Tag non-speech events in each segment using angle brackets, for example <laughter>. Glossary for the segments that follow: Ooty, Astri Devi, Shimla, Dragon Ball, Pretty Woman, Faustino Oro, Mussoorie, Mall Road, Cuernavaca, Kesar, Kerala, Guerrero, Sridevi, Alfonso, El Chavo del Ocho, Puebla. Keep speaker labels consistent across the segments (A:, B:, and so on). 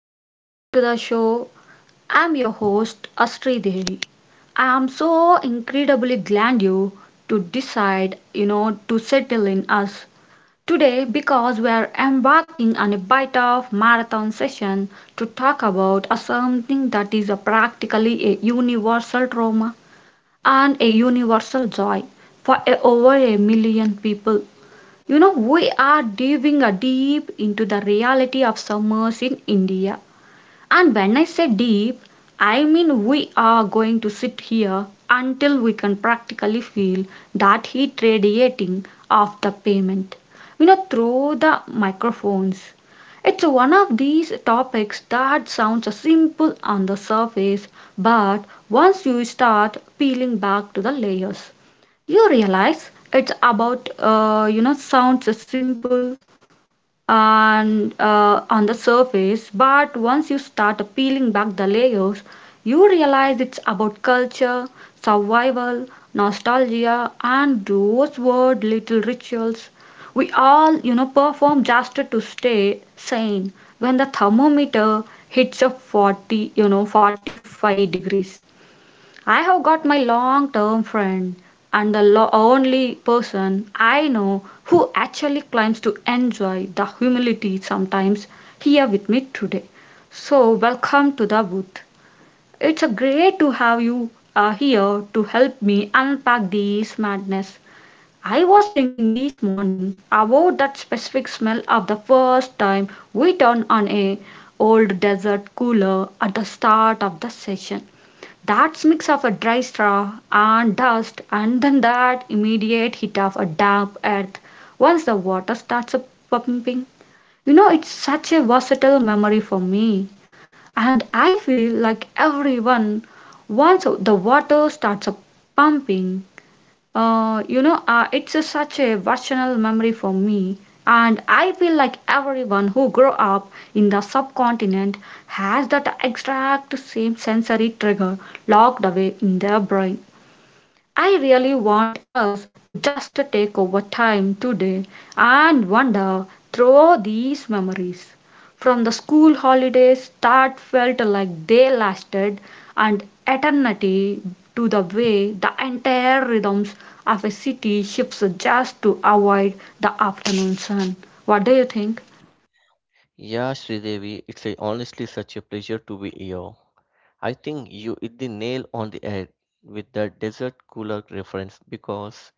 A: welcome back to the show. I'm your host Astri Devi. I am so incredibly glad you to decide, to settle in us today because we are embarking on a bite of marathon session to talk about a something that is a practically a universal trauma and a universal joy for over a million people, we are diving a deep into the reality of summers in India. And when I say deep, I mean we are going to sit here until we can practically feel that heat radiating off the pavement, through the microphones. It's one of these topics that sounds simple on the surface, but once you start peeling back to the layers, you realize it's about, sounds simple and on the surface. But once you start peeling back the layers, you realize it's about culture, survival, nostalgia, and those weird little rituals we all, perform, just to stay sane when the thermometer hits a 40, 45 degrees. I have got my long term friend and the only person I know who actually claims to enjoy the humility sometimes here with me today. So, welcome to the booth. It's a great to have you here to help me unpack this madness. I was thinking this morning about that specific smell of the first time we turned on a old desert cooler at the start of the session. That's mix of a dry straw and dust, and then that immediate hit of a damp earth once the water starts a pumping. You know, it's such a versatile memory for me, and I feel like everyone once the water starts a pumping. It's such a personal memory for me, and I feel like everyone who grew up in the subcontinent has that exact same sensory trigger locked away in their brain. I really want us to just take over time today and wander through these memories, from the school holidays that felt like they lasted an eternity to the way the entire rhythms of a city shifts just to avoid the afternoon sun. What do you think?
B: Yeah, Sridevi, honestly such a pleasure to be here. I think you hit the nail on the head with the desert cooler reference because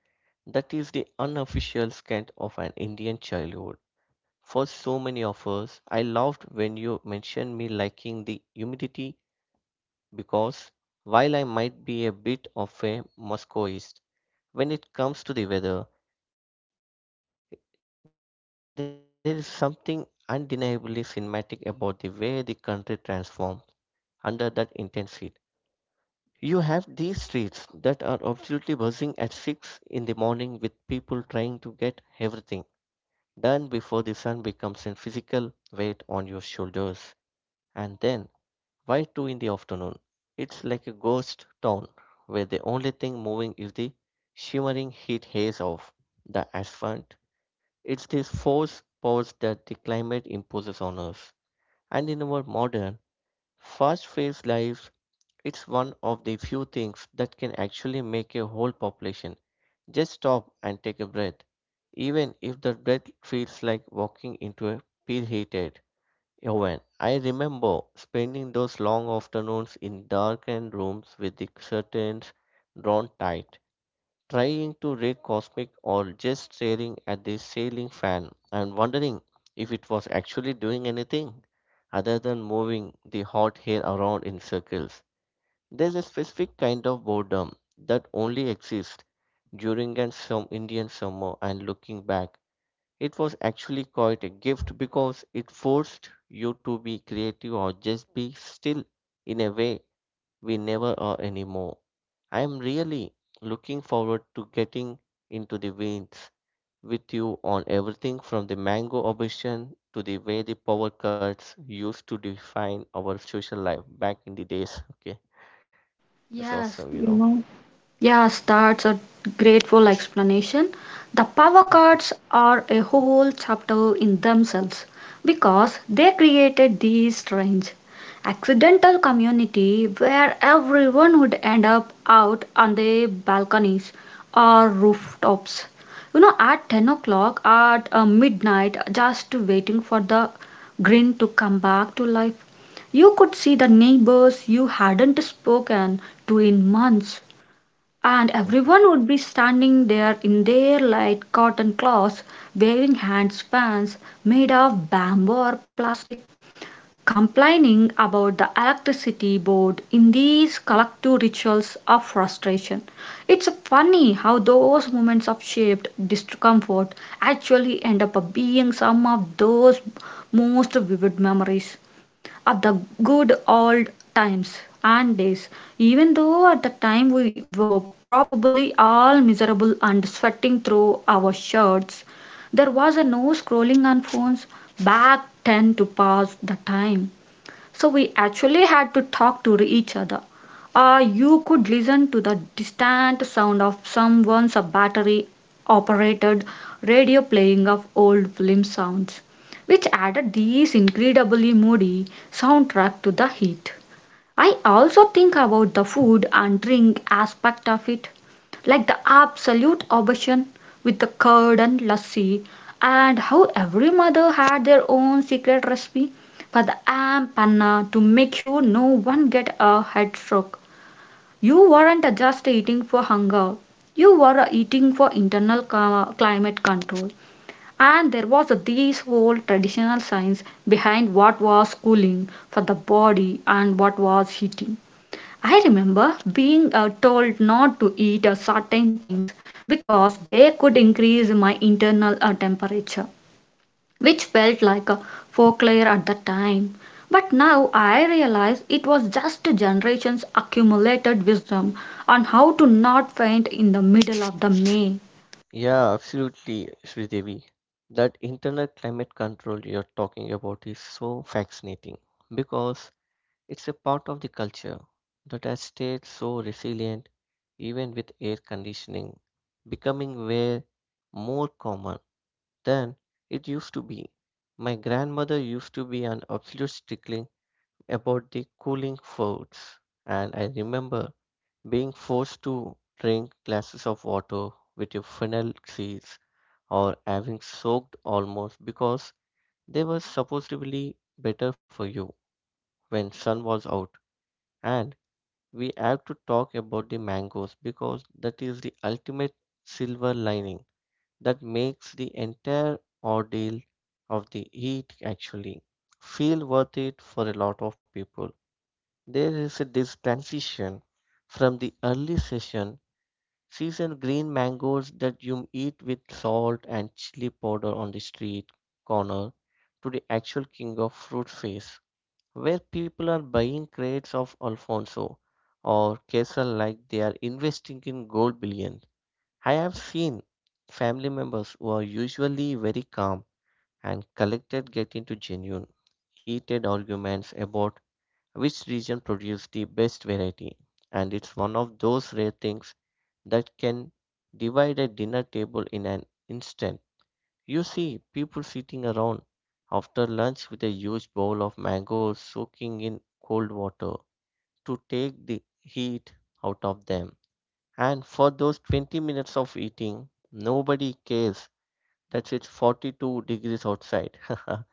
B: that is the unofficial scent of an Indian childhood. For so many of us, I loved when you mentioned me liking the humidity because while I might be a bit of a Moscowist, when it comes to the weather, there is something undeniably cinematic about the way the country transforms under that intense heat. You have these streets that are absolutely buzzing at 6 in the morning, with people trying to get everything done before the sun becomes a physical weight on your shoulders. And then by 2 in the afternoon, it's like a ghost town where the only thing moving is the shimmering heat haze of the asphalt. It's this forced pause that the climate imposes on us. And in our modern, fast-paced lives, it's one of the few things that can actually make a whole population just stop and take a breath, even if the breath feels like walking into a peel heated oven. I remember spending those long afternoons in darkened rooms with the curtains drawn tight, trying to read cosmic or just staring at the ceiling fan and wondering if it was actually doing anything other than moving the hot hair around in circles. There's a specific kind of boredom that only exists during an some Indian summer, and looking back, it was actually quite a gift because it forced you to be creative or just be still in a way we never are anymore. I am really looking forward to getting into the veins with you on everything from the mango obsession to the way the power cuts used to define our social life back in the days. Okay, that's awesome,
A: Yes,
B: you know.
A: yes, that's a grateful explanation. The power cards are a whole chapter in themselves because they created this strange, accidental community where everyone would end up out on the balconies or rooftops. At 10 o'clock at midnight, just waiting for the green to come back to life. You could see the neighbors you hadn't spoken to in months, and everyone would be standing there in their light cotton cloths, waving hand spans made of bamboo or plastic, complaining about the electricity board in these collective rituals of frustration. It's funny how those moments of shaped discomfort actually end up being some of those most vivid memories of the good old times and days, even though at the time we were probably all miserable and sweating through our shirts. There was a no scrolling on phones back then to pass the time, so we actually had to talk to each other. You could listen to the distant sound of someone's battery operated radio playing of old film sounds, which added this incredibly moody soundtrack to the heat. I also think about the food and drink aspect of it, like the absolute obsession with the curd and lassi, and how every mother had their own secret recipe for the am panna to make sure no one get a head stroke. You weren't just eating for hunger, you were eating for internal climate control. And there was this whole traditional science behind what was cooling for the body and what was heating. I remember being told not to eat certain things because they could increase my internal temperature, which felt like a folklore at the time. But now I realize it was just generations accumulated wisdom on how to not faint in the middle of the May.
B: Yeah, absolutely, Sridevi. That internal climate control you're talking about is so fascinating because it's a part of the culture that has stayed so resilient even with air conditioning becoming way more common than it used to be. My grandmother used to be an absolute stickling about the cooling foods, and I remember being forced to drink glasses of water with a fennel seed or having soaked almost because they were supposedly better for you when sun was out. And we have to talk about the mangoes because that is the ultimate silver lining that makes the entire ordeal of the heat actually feel worth it for a lot of people. This transition from the early session seasoned green mangoes that you eat with salt and chili powder on the street corner to the actual king of fruit face, where people are buying crates of Alfonso or Kesar like they are investing in gold bullion. I have seen family members who are usually very calm and collected get into genuine heated arguments about which region produced the best variety. And it's one of those rare things that can divide a dinner table in an instant. You see people sitting around after lunch with a huge bowl of mangoes soaking in cold water to take the heat out of them. And for those 20 minutes of eating, nobody cares that it's 42 degrees outside. <laughs>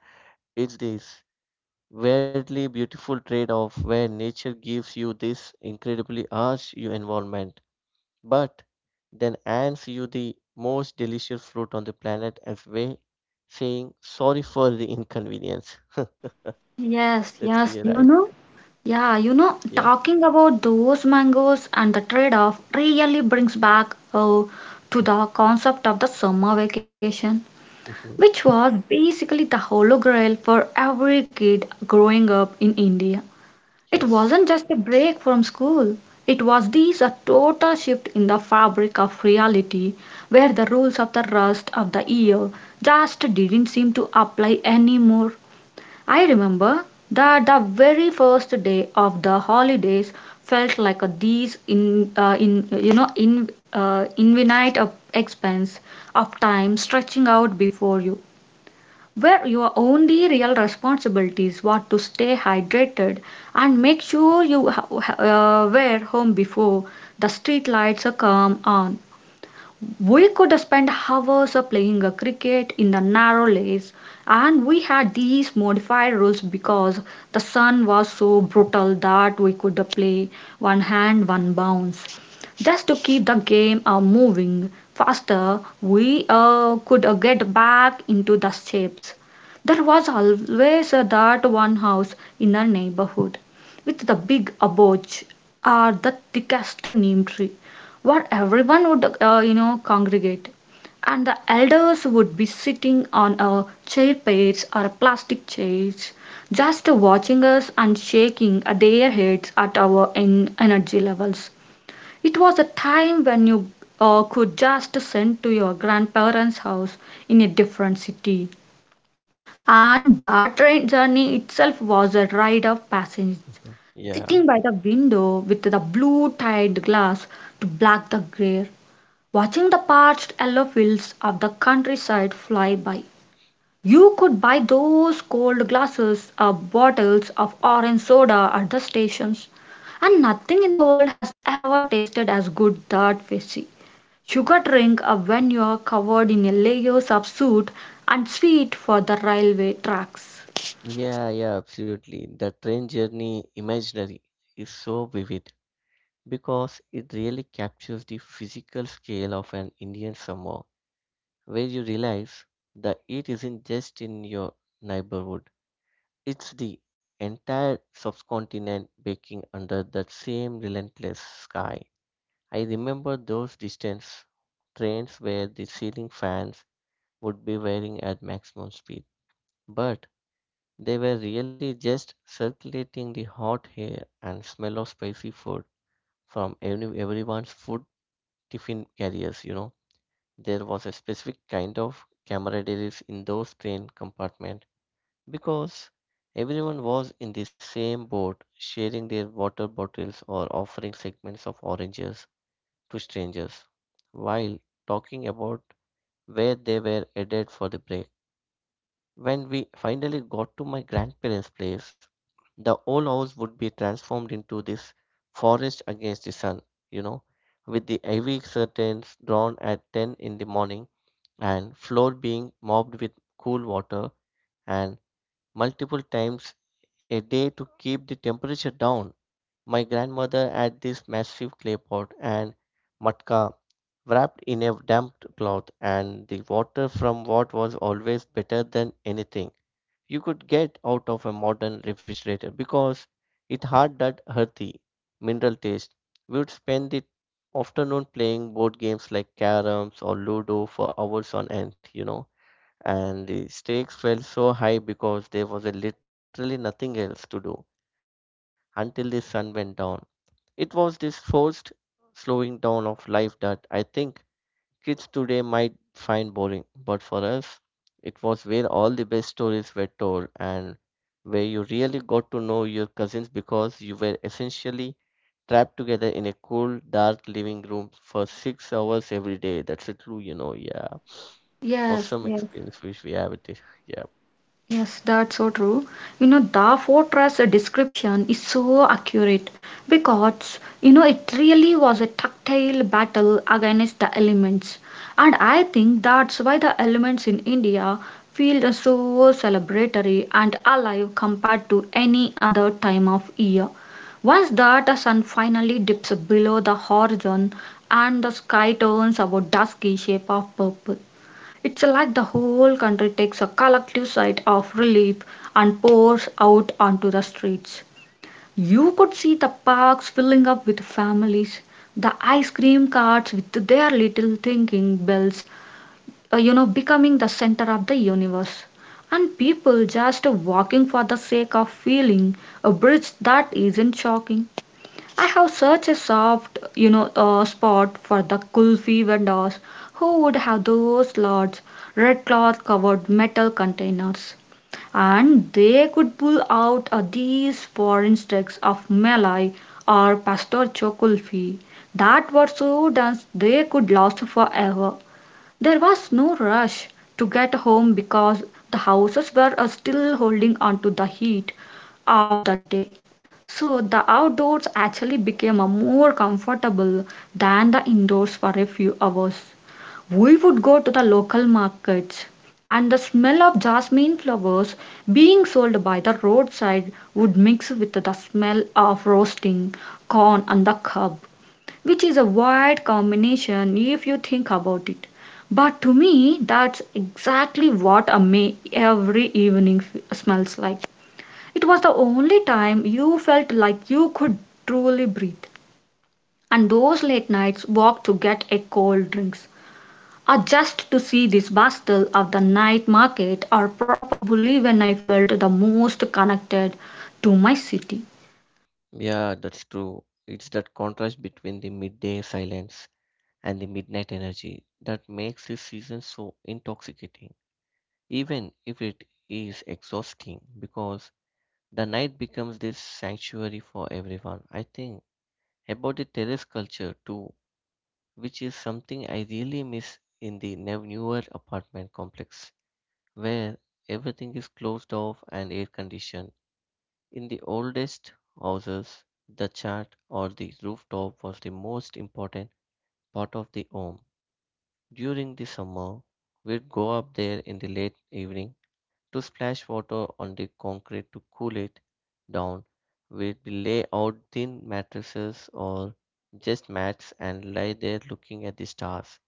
B: It's this weirdly beautiful trade off, where nature gives you this incredibly harsh environment but then hands you the most delicious fruit on the planet as way saying sorry for the inconvenience.
A: Yes,
B: That's you,
A: yes, you
B: right?
A: know. Yeah,
B: Yeah.
A: talking about those mangoes and the trade-off really brings back to the concept of the summer vacation,
B: Hmm.
A: which was basically the holy grail for every kid growing up in India. It
B: Yes.
A: wasn't just a break from school, it was this a total shift in the fabric of reality where the rules of the rest of the year just didn't seem to apply anymore. I remember that the very first day of the holidays felt like a these in you know in infinite of expense of time stretching out before you, where your only real responsibilities what to stay hydrated and make sure you were home before the street lights come on. We could spend hours playing a cricket in the narrow lanes, and we had these modified rules because the sun was so brutal that we could play one hand, one bounce. Just to keep the game moving faster, we could get back into the shapes. There was always that one house in the neighborhood with the big aboj or the thickest neem tree where everyone would, congregate. And the elders would be sitting on a chair pairs or a plastic chairs, just watching us and shaking their heads at our energy levels. It was a time when you could just send to your grandparents' house in a different city. And that train journey itself was a rite of passage,
B: Hmm. Yeah.
A: sitting by the window with the blue tied glass to black the glare, watching the parched yellow fields of the countryside fly by. You could buy those cold glasses or bottles of orange soda at the stations, and nothing in the world has ever tasted as good that fizzy sugar drink when you're covered in layers of soot and sweet for the railway tracks.
B: Yeah, yeah, absolutely. The train journey imaginary is so vivid because it really captures the physical scale of an Indian summer, where you realize the heat isn't just in your neighborhood, it's the entire subcontinent baking under that same relentless sky. I remember those distance trains where the ceiling fans would be whirring at maximum speed, but they were really just circulating the hot air and smell of spicy food from everyone's food tiffin carriers. There was a specific kind of camaraderie in those train compartments because everyone was in the same boat, sharing their water bottles or offering segments of oranges to strangers while talking about where they were headed for the break. When we finally got to my grandparents' place, the old house would be transformed into this forest against the sun, you know, with the heavy curtains drawn at 10 in the morning, and floor being mopped with cool water and multiple times a day to keep the temperature down. My grandmother had this massive clay pot and matka wrapped in a damp cloth, and the water from what was always better than anything you could get out of a modern refrigerator because it had that earthy, mineral taste. We would spend the afternoon playing board games like caroms or ludo for hours on end, and the stakes felt so high because there was a literally nothing else to do until the sun went down. It was this forced slowing down of life that I think kids today might find boring, but for us, it was where all the best stories were told and where you really got to know your cousins because you were essentially trapped together in a cool, dark living room for 6 hours every day. That's a true, yeah.
A: Yes,
B: Awesome experience which we have with this. Yeah.
A: yes, that's so true. You know, the fortress description is so accurate because, it really was a tactile battle against the elements. And I think that's why the elements in India feel so celebratory and alive compared to any other time of year. Once that sun finally dips below the horizon and the sky turns our dusky shape of purple, it's like the whole country takes a collective sigh of relief and pours out onto the streets. You could see the parks filling up with families, the ice cream carts with their little thinking bells, becoming the center of the universe. And people just walking for the sake of feeling a bridge that isn't shocking. I have such a soft, spot for the kulfi vendors who would have those large red cloth covered metal containers. And they could pull out these foreign sticks of malai or pastor kulfi that were so dense they could last forever. There was no rush to get home because the houses were still holding on to the heat of the day. So the outdoors actually became more comfortable than the indoors for a few hours. We would go to the local markets, and the smell of jasmine flowers being sold by the roadside would mix with the smell of roasting corn on the cob, which is a wide combination if you think about it. But to me, that's exactly what a May every evening smells like. It was the only time you felt like you could truly breathe. And those late nights walk to get a cold drinks, or just to see this bustle of the night market, are probably when I felt the most connected to my city.
B: Yeah, that's true. It's that contrast between the midday silence and the midnight energy that makes this season so intoxicating, even if it is exhausting, because the night becomes this sanctuary for everyone. I think about the terrace culture too, which is something I really miss in the newer apartment complex, where everything is closed off and air conditioned. In the oldest houses, the chat or the rooftop was the most important part of the home. During the summer, we'd go up there in the late evening to splash water on the concrete to cool it down. We'd lay out thin mattresses or just mats and lie there looking at the stars,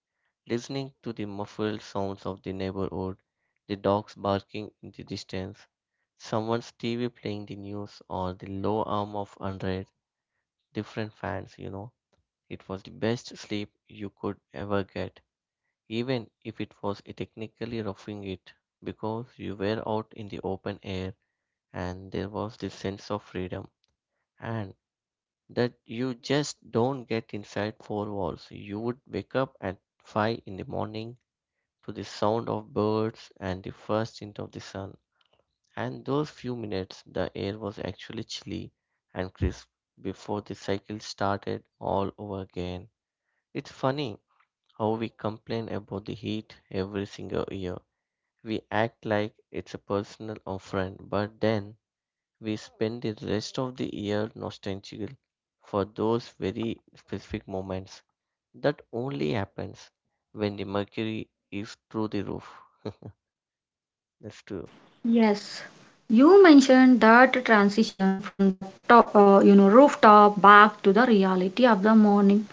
B: listening to the muffled sounds of the neighborhood, the dogs barking in the distance, someone's TV playing the news, or the low hum of 100 different fans. It was the best sleep you could ever get, even if it was technically roughing it, because you were out in the open air and there was this sense of freedom. And that you just don't get inside four walls. You would wake up at 5 in the morning to the sound of birds and the first hint of the sun. And those few minutes, the air was actually chilly and crisp before the cycle started all over again. It's funny how we complain about the heat every single year. We act like it's a personal offense, but then we spend the rest of the year nostalgic for those very specific moments. That only happens when the mercury is through the roof. That's true.
A: Yes, you mentioned that transition from the rooftop back to the reality of the morning,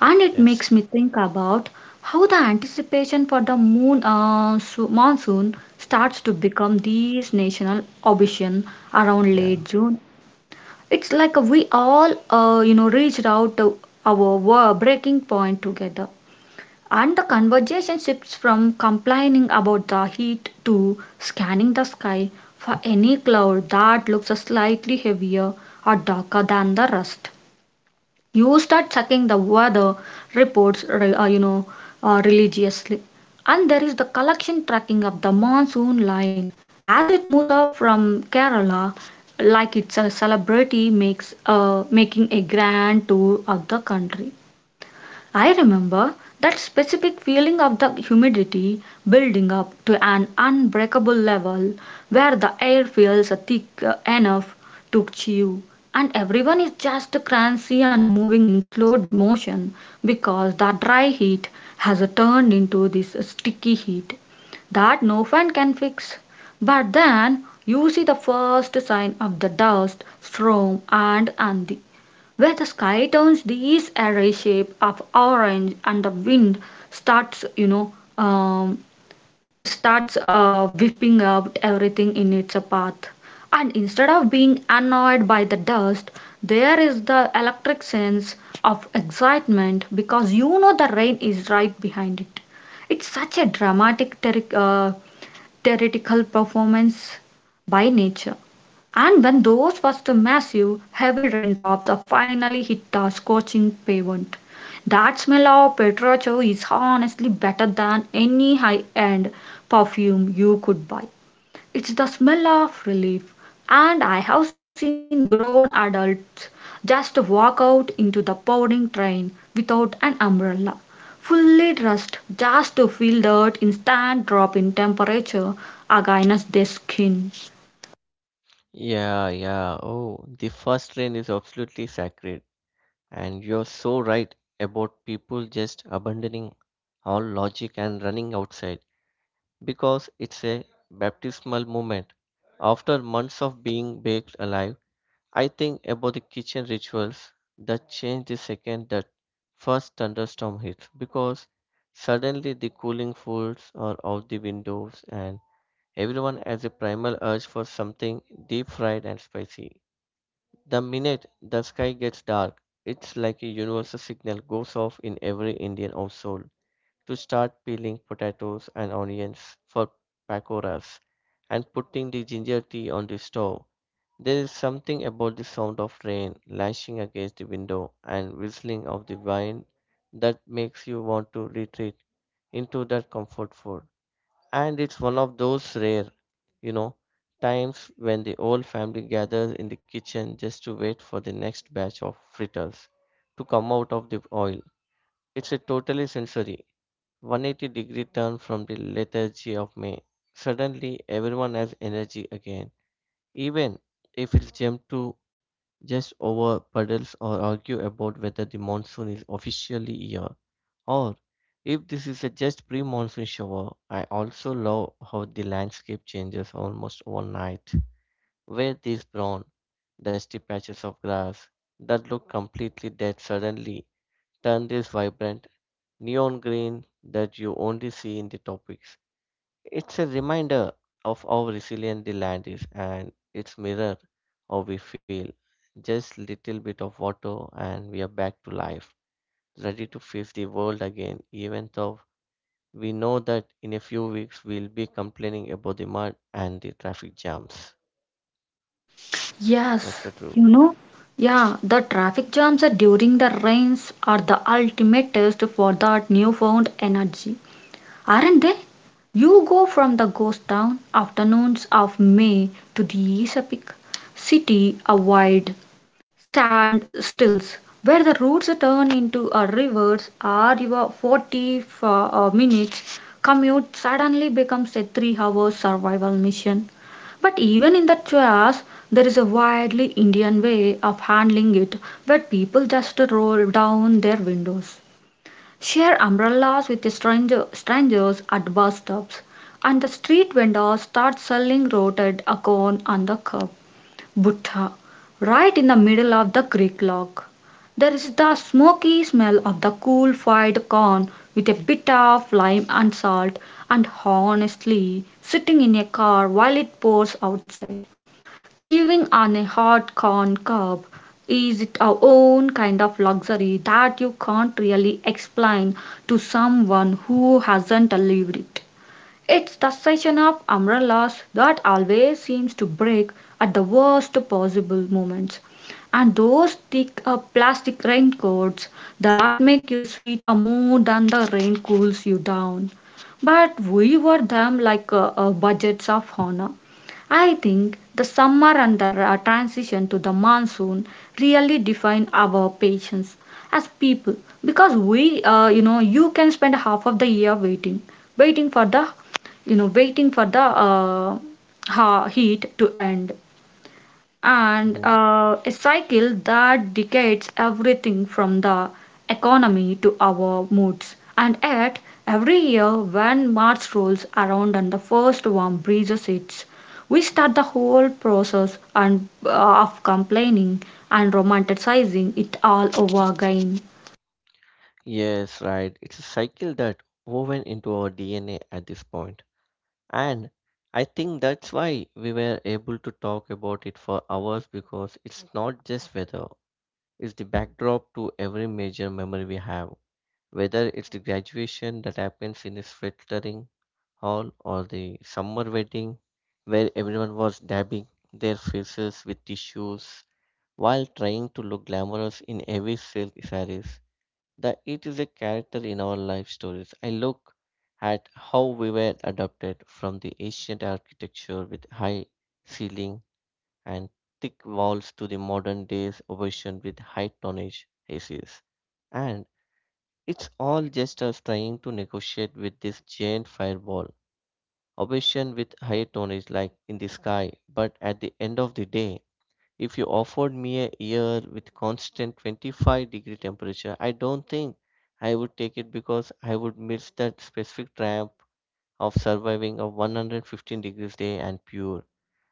A: and it
B: Yes.
A: makes me think about how the anticipation for the monsoon starts to become this national obsession around
B: Yeah.
A: late June. It's like we all reached out to our breaking point together. And the conversation shifts from complaining about the heat to scanning the sky for any cloud that looks slightly heavier or darker than the rest. You start checking the weather reports, religiously. And there is the collection tracking of the monsoon line as it moves up from Kerala, like it's a celebrity makes making a grand tour of the country. I remember that specific feeling of the humidity building up to an unbreakable level where the air feels thick enough to chew, and everyone is just cranky and moving in slow motion because the dry heat has turned into this sticky heat that no fan can fix. But then you see the first sign of the dust storm and the where the sky turns this array shape of orange, and the wind starts, you know, um, starts whipping up everything in its path. And instead of being annoyed by the dust, there is the electric sense of excitement because you know the rain is right behind it. It's such a dramatic, theatrical performance by nature. And when those first massive, heavy raindrops are finally hit the scorching pavement, that smell of petrol is honestly better than any high end perfume you could buy. It's the smell of relief, and I have seen grown adults just walk out into the pouring train without an umbrella, fully dressed just to feel that instant drop in temperature against their skin.
B: Yeah. Yeah. Oh, the first rain is absolutely sacred. And you're so right about people just abandoning all logic and running outside because it's a baptismal moment. After months of being baked alive, I think about the kitchen rituals that change the second that first thunderstorm hits because suddenly the cooling foods are out the windows, and everyone has a primal urge for something deep fried and spicy. The minute the sky gets dark, it's like a universal signal goes off in every Indian household to start peeling potatoes and onions for pakoras and putting the ginger tea on the stove. There is something about the sound of rain lashing against the window and whistling of the wind that makes you want to retreat into that comfort food. And it's one of those rare, you know, times when the whole family gathers in the kitchen just to wait for the next batch of fritters to come out of the oil. It's a totally sensory 180-degree turn from the lethargy of May. Suddenly, everyone has energy again, even if it's jumped to just over puddles or argue about whether the monsoon is officially here. Or if this is a just pre monsoon shower, I also love how the landscape changes almost overnight. Where these brown, dusty patches of grass that look completely dead suddenly turn this vibrant neon green that you only see in the tropics. It's a reminder of how resilient the land is and its mirror how we feel. Just little bit of water and we are back to life, ready to face the world again, even though we know that in a few weeks we'll be complaining about the mud and the traffic jams. That's the
A: Yes,
B: true.
A: you know, yeah, the traffic jams during the rains are the ultimate test for that newfound energy, aren't they? You go from the ghost town afternoons of May to the epic city of wide standstills where the routes turn into rivers, or your 40 minutes commute suddenly becomes a 3-hour survival mission. But even in that chaos, there is a widely Indian way of handling it, where people just roll down their windows, share umbrellas with strangers at bus stops, and the street vendors start selling rotted acorn on the curb. Buddha right in the middle of the creek log. There is the smoky smell of the cool fried corn with a bit of lime and salt, and honestly sitting in a car while it pours outside. Chewing on a hot corn cob is its own kind of luxury that you can't really explain to someone who hasn't lived it. It's the session of umbrellas that always seems to break at the worst possible moments, and those thick plastic raincoats that make you sweat more than the rain cools you down. But we wore them like budgets of honor. I think the summer and the transition to the monsoon really define our patience as people, because you can spend half of the year waiting, waiting for the you know waiting for the uh, heat to end, and
B: Mhm.
A: a cycle that decays everything from the economy to our moods. And yet every year when March rolls around and the first warm breezes hits, we start the whole process and of complaining and romanticizing it all over again.
B: Yes, right. It's a cycle that woven into our DNA at this point. And I think that's why we were able to talk about it for hours because it's not just weather, it's the backdrop to every major memory we have. Whether it's the graduation that happens in a sweltering hall or the summer wedding where everyone was dabbing their faces with tissues while trying to look glamorous in heavy silk sarees. That it is a character in our life stories. I look at how we were adapted from the ancient architecture with high ceiling and thick walls to the modern day's version with high tonnage ACs. And it's all just us trying to negotiate with this giant fireball, obsession with high tonnage like in the sky. But at the end of the day, if you offered me a year with constant 25-degree temperature, I don't think I would take it because I would miss that specific triumph of surviving a 115 degrees day and pure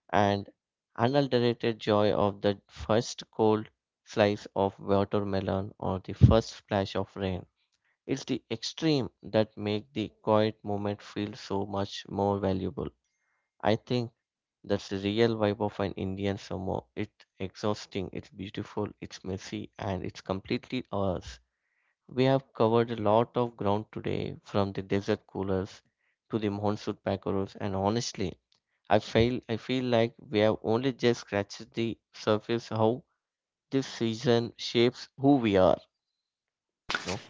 B: and unadulterated joy of that first cold slice of watermelon or the first splash of rain. It's the extreme that make the quiet moment feel so much more valuable. I think that's the real vibe of an Indian summer. It's exhausting, it's beautiful, it's messy, and it's completely ours. We have covered a lot of ground today, from the desert coolers to the monsoon packeros, and honestly, I feel like we have only just scratched the surface how this season shapes who we are, you know.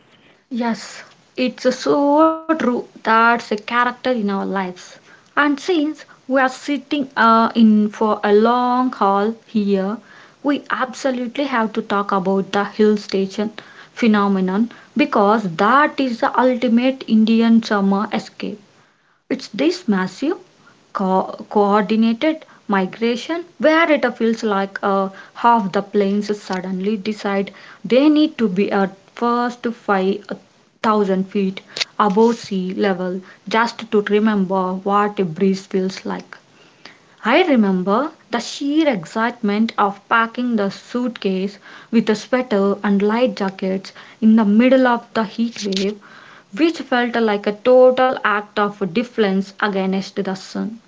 A: Yes, it's so true. That's a character in our lives. And since we are sitting in for a long haul here, we absolutely have to talk about the hill station phenomenon, because that is the ultimate Indian summer escape. It's this massive, coordinated migration where it feels like half the planes suddenly decide they need to be at first 5,000 feet above sea level just to remember what a breeze feels like. I remember the sheer excitement of packing the suitcase with a sweater and light jackets in the middle of the heat wave, which felt like a total act of defense against the sun.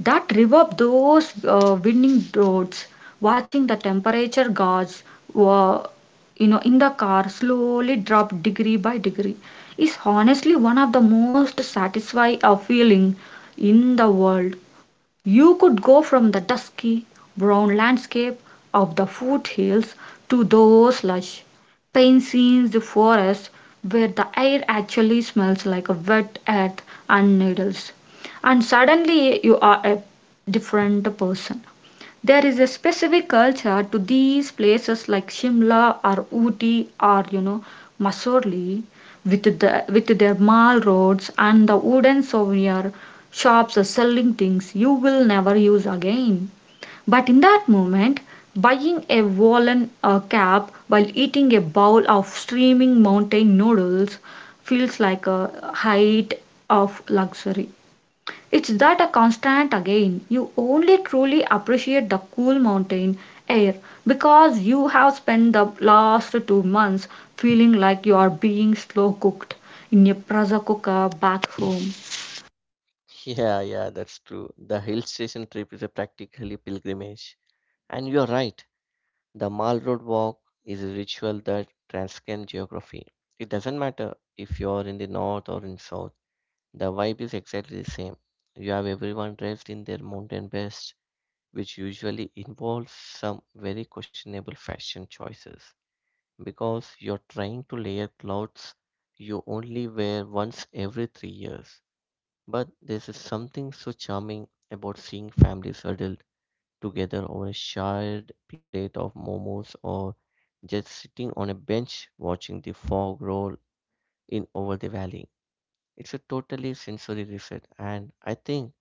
A: That reverb, those winding roads, watching the temperature gauge, uh, in the car slowly drop degree by degree, is honestly one of the most satisfying feeling in the world. You could go from the dusky, brown landscape of the foothills to those lush, pine-scened forests where the air actually smells like a wet earth and needles, and suddenly you are a different person. There is a specific culture to these places like Shimla or Ooty or, you know, Mussoorie, with the with their mall roads and the wooden souvenir shops selling things you will never use again. But in that moment, buying a woolen cap while eating a bowl of steaming mountain noodles feels like a height of luxury. It's that a constant again. You only truly appreciate the cool mountain air because you have spent the last 2 months feeling like you are being slow cooked in a pressure cooker back home.
B: Yeah, yeah, that's true. The hill station trip is a practically pilgrimage. And you're right, the Mall Road walk is a ritual that transcends geography. It doesn't matter if you're in the north or in south, the vibe is exactly the same. You have everyone dressed in their mountain best, which usually involves some very questionable fashion choices because you're trying to layer clothes you only wear once every 3 years. But there's just something so charming about seeing families huddled together over a shared plate of momos or just sitting on a bench watching the fog roll in over the valley. It's a totally sensory reset, and I think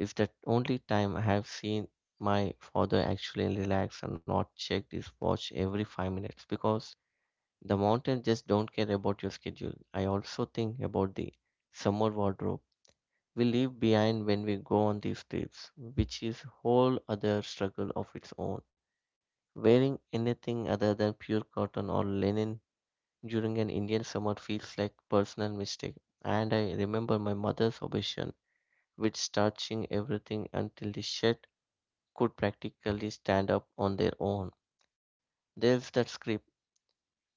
B: it's the only time I have seen my father actually relax and not check his watch every 5 minutes because the mountain just don't care about your schedule. I also think about the summer wardrobe we leave behind when we go on these trips, which is whole other struggle of its own. Wearing anything other than pure cotton or linen during an Indian summer feels like personal mistake. And I remember my mother's obsession with starching everything until the shirt could practically stand up on their own. There's that script,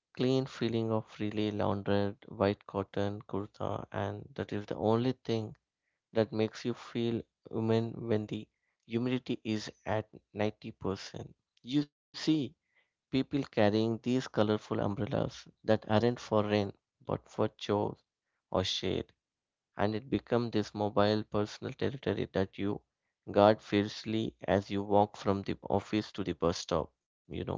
B: clean feeling of freely laundered white cotton kurta, and that is the only thing that makes you feel human when the humidity is at 90%. You see people carrying these colorful umbrellas that aren't for rain but for chores or shade, and it becomes this mobile personal territory that you guard fiercely as you walk from the office to the bus stop.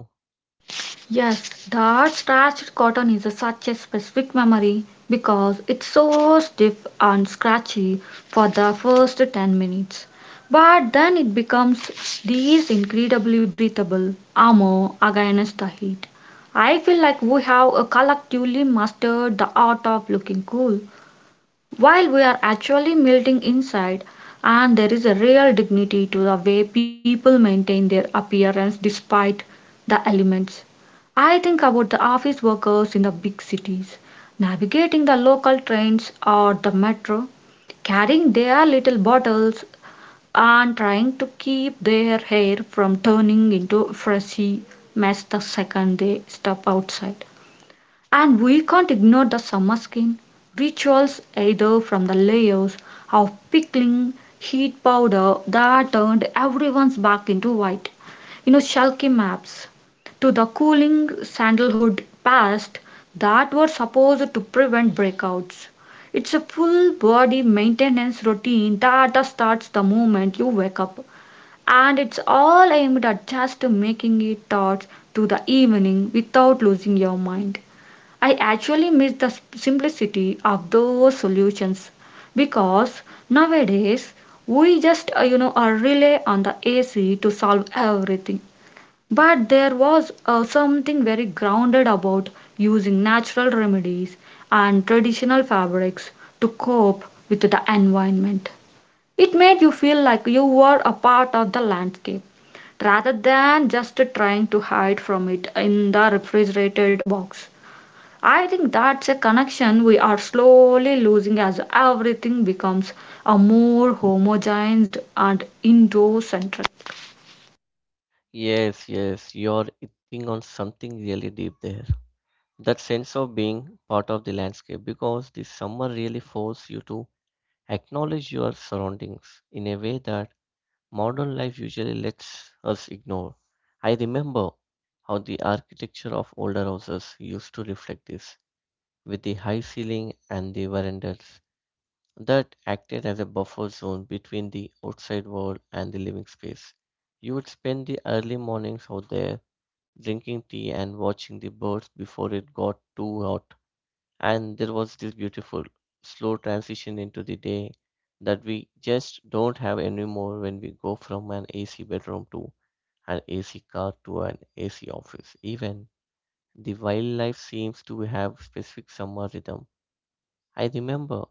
A: Yes, that scratched cotton is a, such a specific memory because it's so stiff and scratchy for the first 10 minutes. But then it becomes this incredibly breathable armor against the heat. I feel like we have collectively mastered the art of looking cool while we are actually melting inside, and there is a real dignity to the way people maintain their appearance despite the elements. I think about the office workers in the big cities, navigating the local trains or the metro, carrying their little bottles and trying to keep their hair from turning into a frizzy mess the second they step outside. And we can't ignore the summer skin rituals either, from the layers of pickling heat powder that turned everyone's back into white. You know, shulky maps to the cooling sandalwood paste that were supposed to prevent breakouts. It's a full body maintenance routine that starts the moment you wake up, and it's all aimed at just making it towards to the evening without losing your mind. I actually miss the simplicity of those solutions, because nowadays we just rely on the AC to solve everything. But there was something very grounded about using natural remedies and traditional fabrics to cope with the environment. It made you feel like you were a part of the landscape rather than just trying to hide from it in the refrigerated box. I think that's a connection we are slowly losing as everything becomes a more homogenized and Indo-centric.
B: Yes, yes, you're hitting on something really deep there. That sense of being part of the landscape because the summer really forces you to acknowledge your surroundings in a way that modern life usually lets us ignore. I remember how the architecture of older houses used to reflect this, with the high ceiling and the verandas that acted as a buffer zone between the outside world and the living space. You would spend the early mornings out there drinking tea and watching the birds before it got too hot, and there was this beautiful slow transition into the day that we just don't have anymore when we go from an AC bedroom to an AC car to an AC office. Even the wildlife seems to have specific summer rhythm. I remember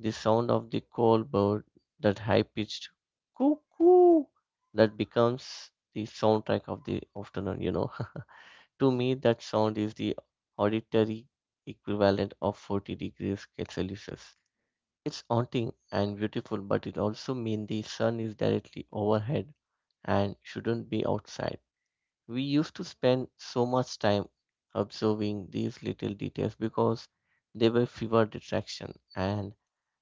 B: the sound of the call bird, that high-pitched cuckoo that becomes the soundtrack of the afternoon. <laughs> To me, that sound is the auditory equivalent of 40 degrees Celsius. It's haunting and beautiful, but it also means the sun is directly overhead and shouldn't be outside. We used to spend so much time observing these little details because they were fewer distraction, and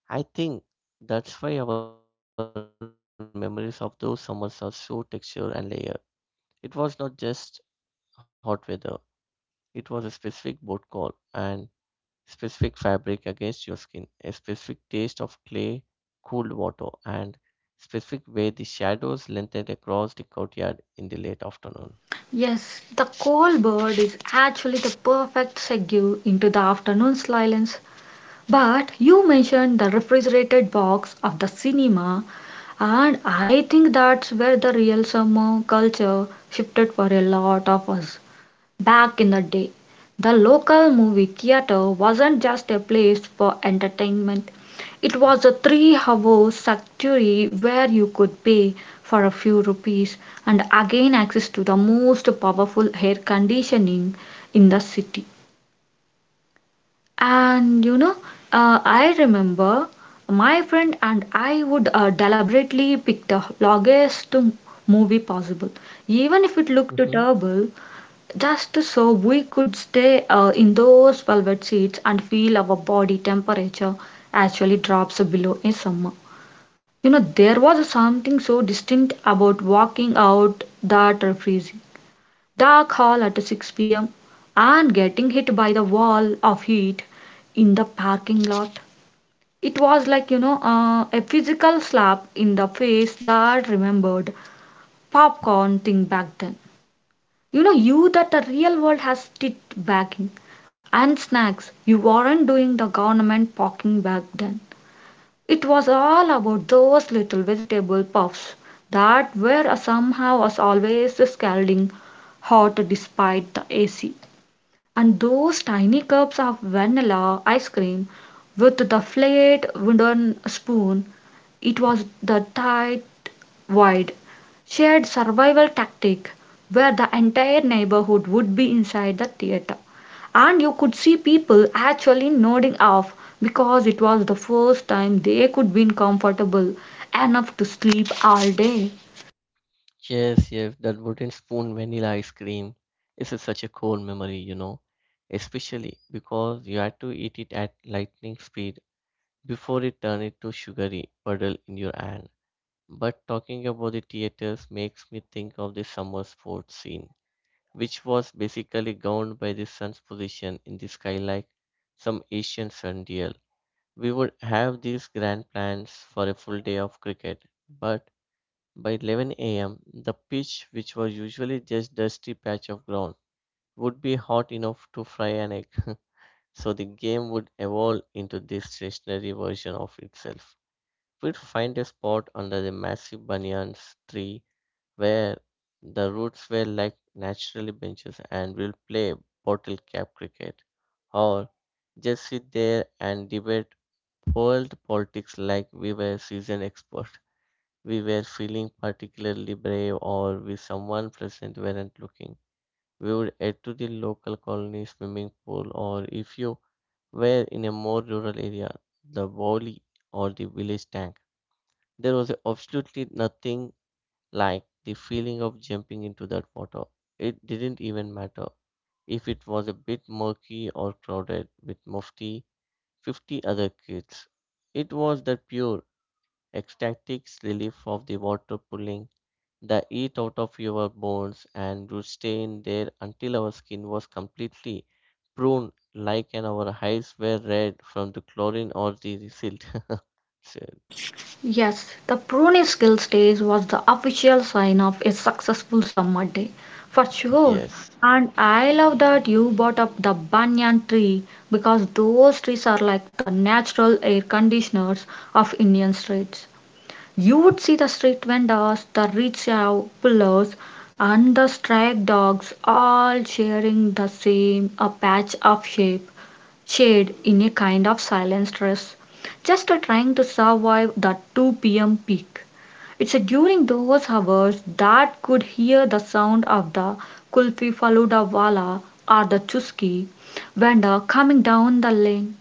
B: I think that's why our memories of those summers are so textured and layered. It was not just hot weather; it was a specific boat call and specific fabric against your skin, a specific taste of clay, cooled water, and specific way the shadows lengthened across the courtyard in the late afternoon.
A: Yes, the call bird is actually the perfect segue into the afternoon silence. But you mentioned the refrigerated box of the cinema, and I think that's where the real summer culture shifted for a lot of us. Back in the day, the local movie theater wasn't just a place for entertainment. It was a 3 hour sanctuary where you could pay for a few rupees and again access to the most powerful air conditioning in the city. And I remember my friend and I would deliberately pick the longest movie possible, even if it
B: Hmm.
A: looked terrible, just so we could stay in those velvet seats and feel our body temperature actually drops below a summer. There was something so distinct about walking out that freezing dark hall at 6 p.m. and getting hit by the wall of heat in the parking lot. It was like, a physical slap in the face that remembered popcorn thing back then. You know, you that the real world has tit bagging and snacks. You weren't doing the government packing back then. It was all about those little vegetable puffs that were somehow was always scalding hot despite the AC. And those tiny cups of vanilla ice cream with the flat wooden spoon. It was the tight, wide, shared survival tactic where the entire neighborhood would be inside the theater. And you could see people actually nodding off because it was the first time they could be comfortable enough to sleep all day.
B: Yes, yes, that wooden spoon vanilla ice cream is such a cool memory, especially because you had to eat it at lightning speed before it turned into sugary puddle in your hand. But talking about the theaters makes me think of the summer sports scene which was basically governed by the sun's position in the sky like some ancient sun dial. We would have these grand plans for a full day of cricket, but by 11 a.m., the pitch, which was usually just a dusty patch of ground, would be hot enough to fry an egg. <laughs> So the game would evolve into this stationary version of itself. We'd find a spot under the massive banyan tree where the roots were like naturally benches, and we'll play bottle cap cricket or just sit there and debate world politics like we were seasoned experts. We were feeling particularly brave or with someone present weren't looking. We would head to the local colony swimming pool or, if you were in a more rural area, the valley or the village tank. There was absolutely nothing like the feeling of jumping into that water. It didn't even matter if it was a bit murky or crowded with mufti 50 other kids. It was the pure ecstatic relief of the water pulling the heat out of your bones, and would stay in there until our skin was completely pruned like and our eyes were red from the chlorine or the silt. <laughs> So,
A: Yes, the Pune skill stage was the official sign of a successful summer day, for sure.
B: yes.
A: And I love that you brought up the banyan tree because those trees are like the natural air conditioners of Indian streets. You would see the street vendors, the rickshaw pullers, and the stray dogs all sharing the same a patch of shade in a kind of silent stress, just trying to survive that 2 p.m. peak. It's during those hours that could hear the sound of the kulfi faluda wala or the chuski vendor coming down the lane,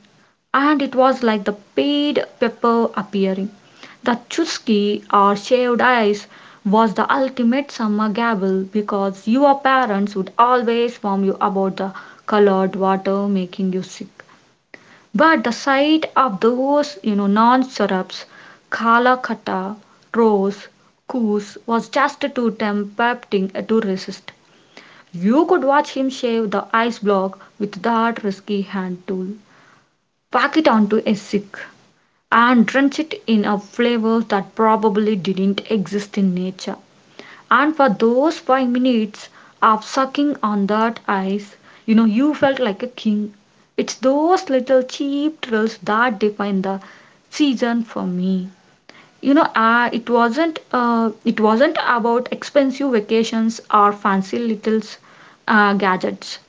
A: and it was like the paid pepper appearing. The chuski or shaved ice was the ultimate summer gabble because your parents would always warn you about the colored water making you sick. But the sight of those, you know, non-syrups, Calcutta, rose, koos was just too tempting to resist. You could watch him shave the ice block with that risky hand tool, pack it onto a stick, and drench it in a flavor that probably didn't exist in nature. And for those 5 minutes of sucking on that ice, you know, you felt like a king. It's those little cheap thrills that define the season for me. It wasn't about expensive vacations or fancy little gadgets.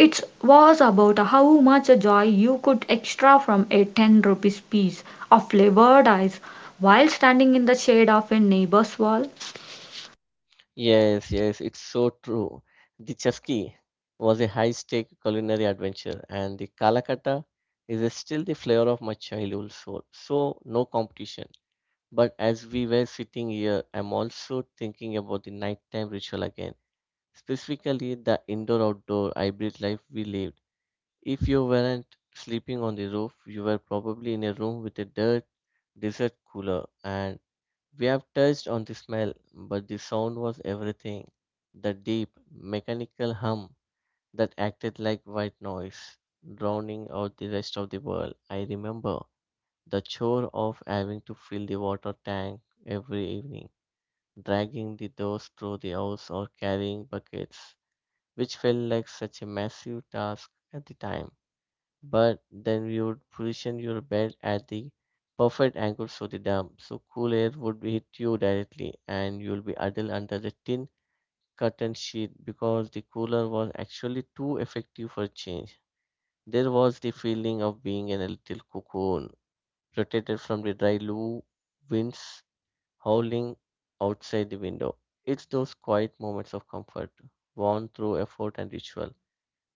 A: It was about how much joy you could extract from a 10 rupees piece of flavored ice while standing in the shade of a neighbor's wall.
B: Yes, yes, it's so true. The Chasqui was a high-stake culinary adventure, and the Kalakata is still the flavor of my childhood soul. So, no competition. But as we were sitting here, I'm also thinking about the nighttime ritual again, specifically the indoor-outdoor hybrid life we lived. If you weren't sleeping on the roof, you were probably in a room with a dirt dessert cooler, and we have touched on the smell, but the sound was everything. The deep, mechanical hum that acted like white noise, drowning out the rest of the world. I remember the chore of having to fill the water tank every evening, dragging the doors through the house or carrying buckets, which felt like such a massive task at the time. But then we would position your bed at the perfect angle so the dam so cool air would hit you directly, and you'll be huddled under the tin curtain sheet because the cooler was actually too effective for change. There was the feeling of being in a little cocoon, protected from the dry loo winds howling outside the window. It's those quiet moments of comfort, won through effort and ritual,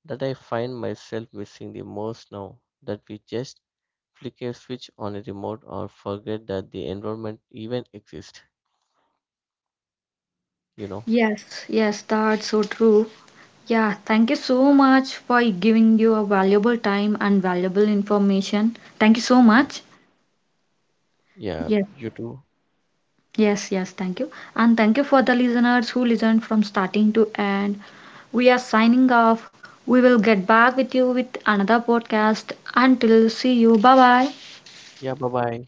B: that I find myself missing the most now that we just flick a switch on a remote or forget that the environment even exists you know
A: Yes, yes, that's so true. Yeah, thank you so much for giving you a valuable time and valuable information. Thank you so
B: yeah.
A: much.
B: Yeah,
A: Yes,
B: you too.
A: yes, yes, thank you. And thank you for the listeners who listened from starting to end. We are signing off. We will get back with you with another podcast. Until see you. Bye bye.
B: Yeah, bye bye.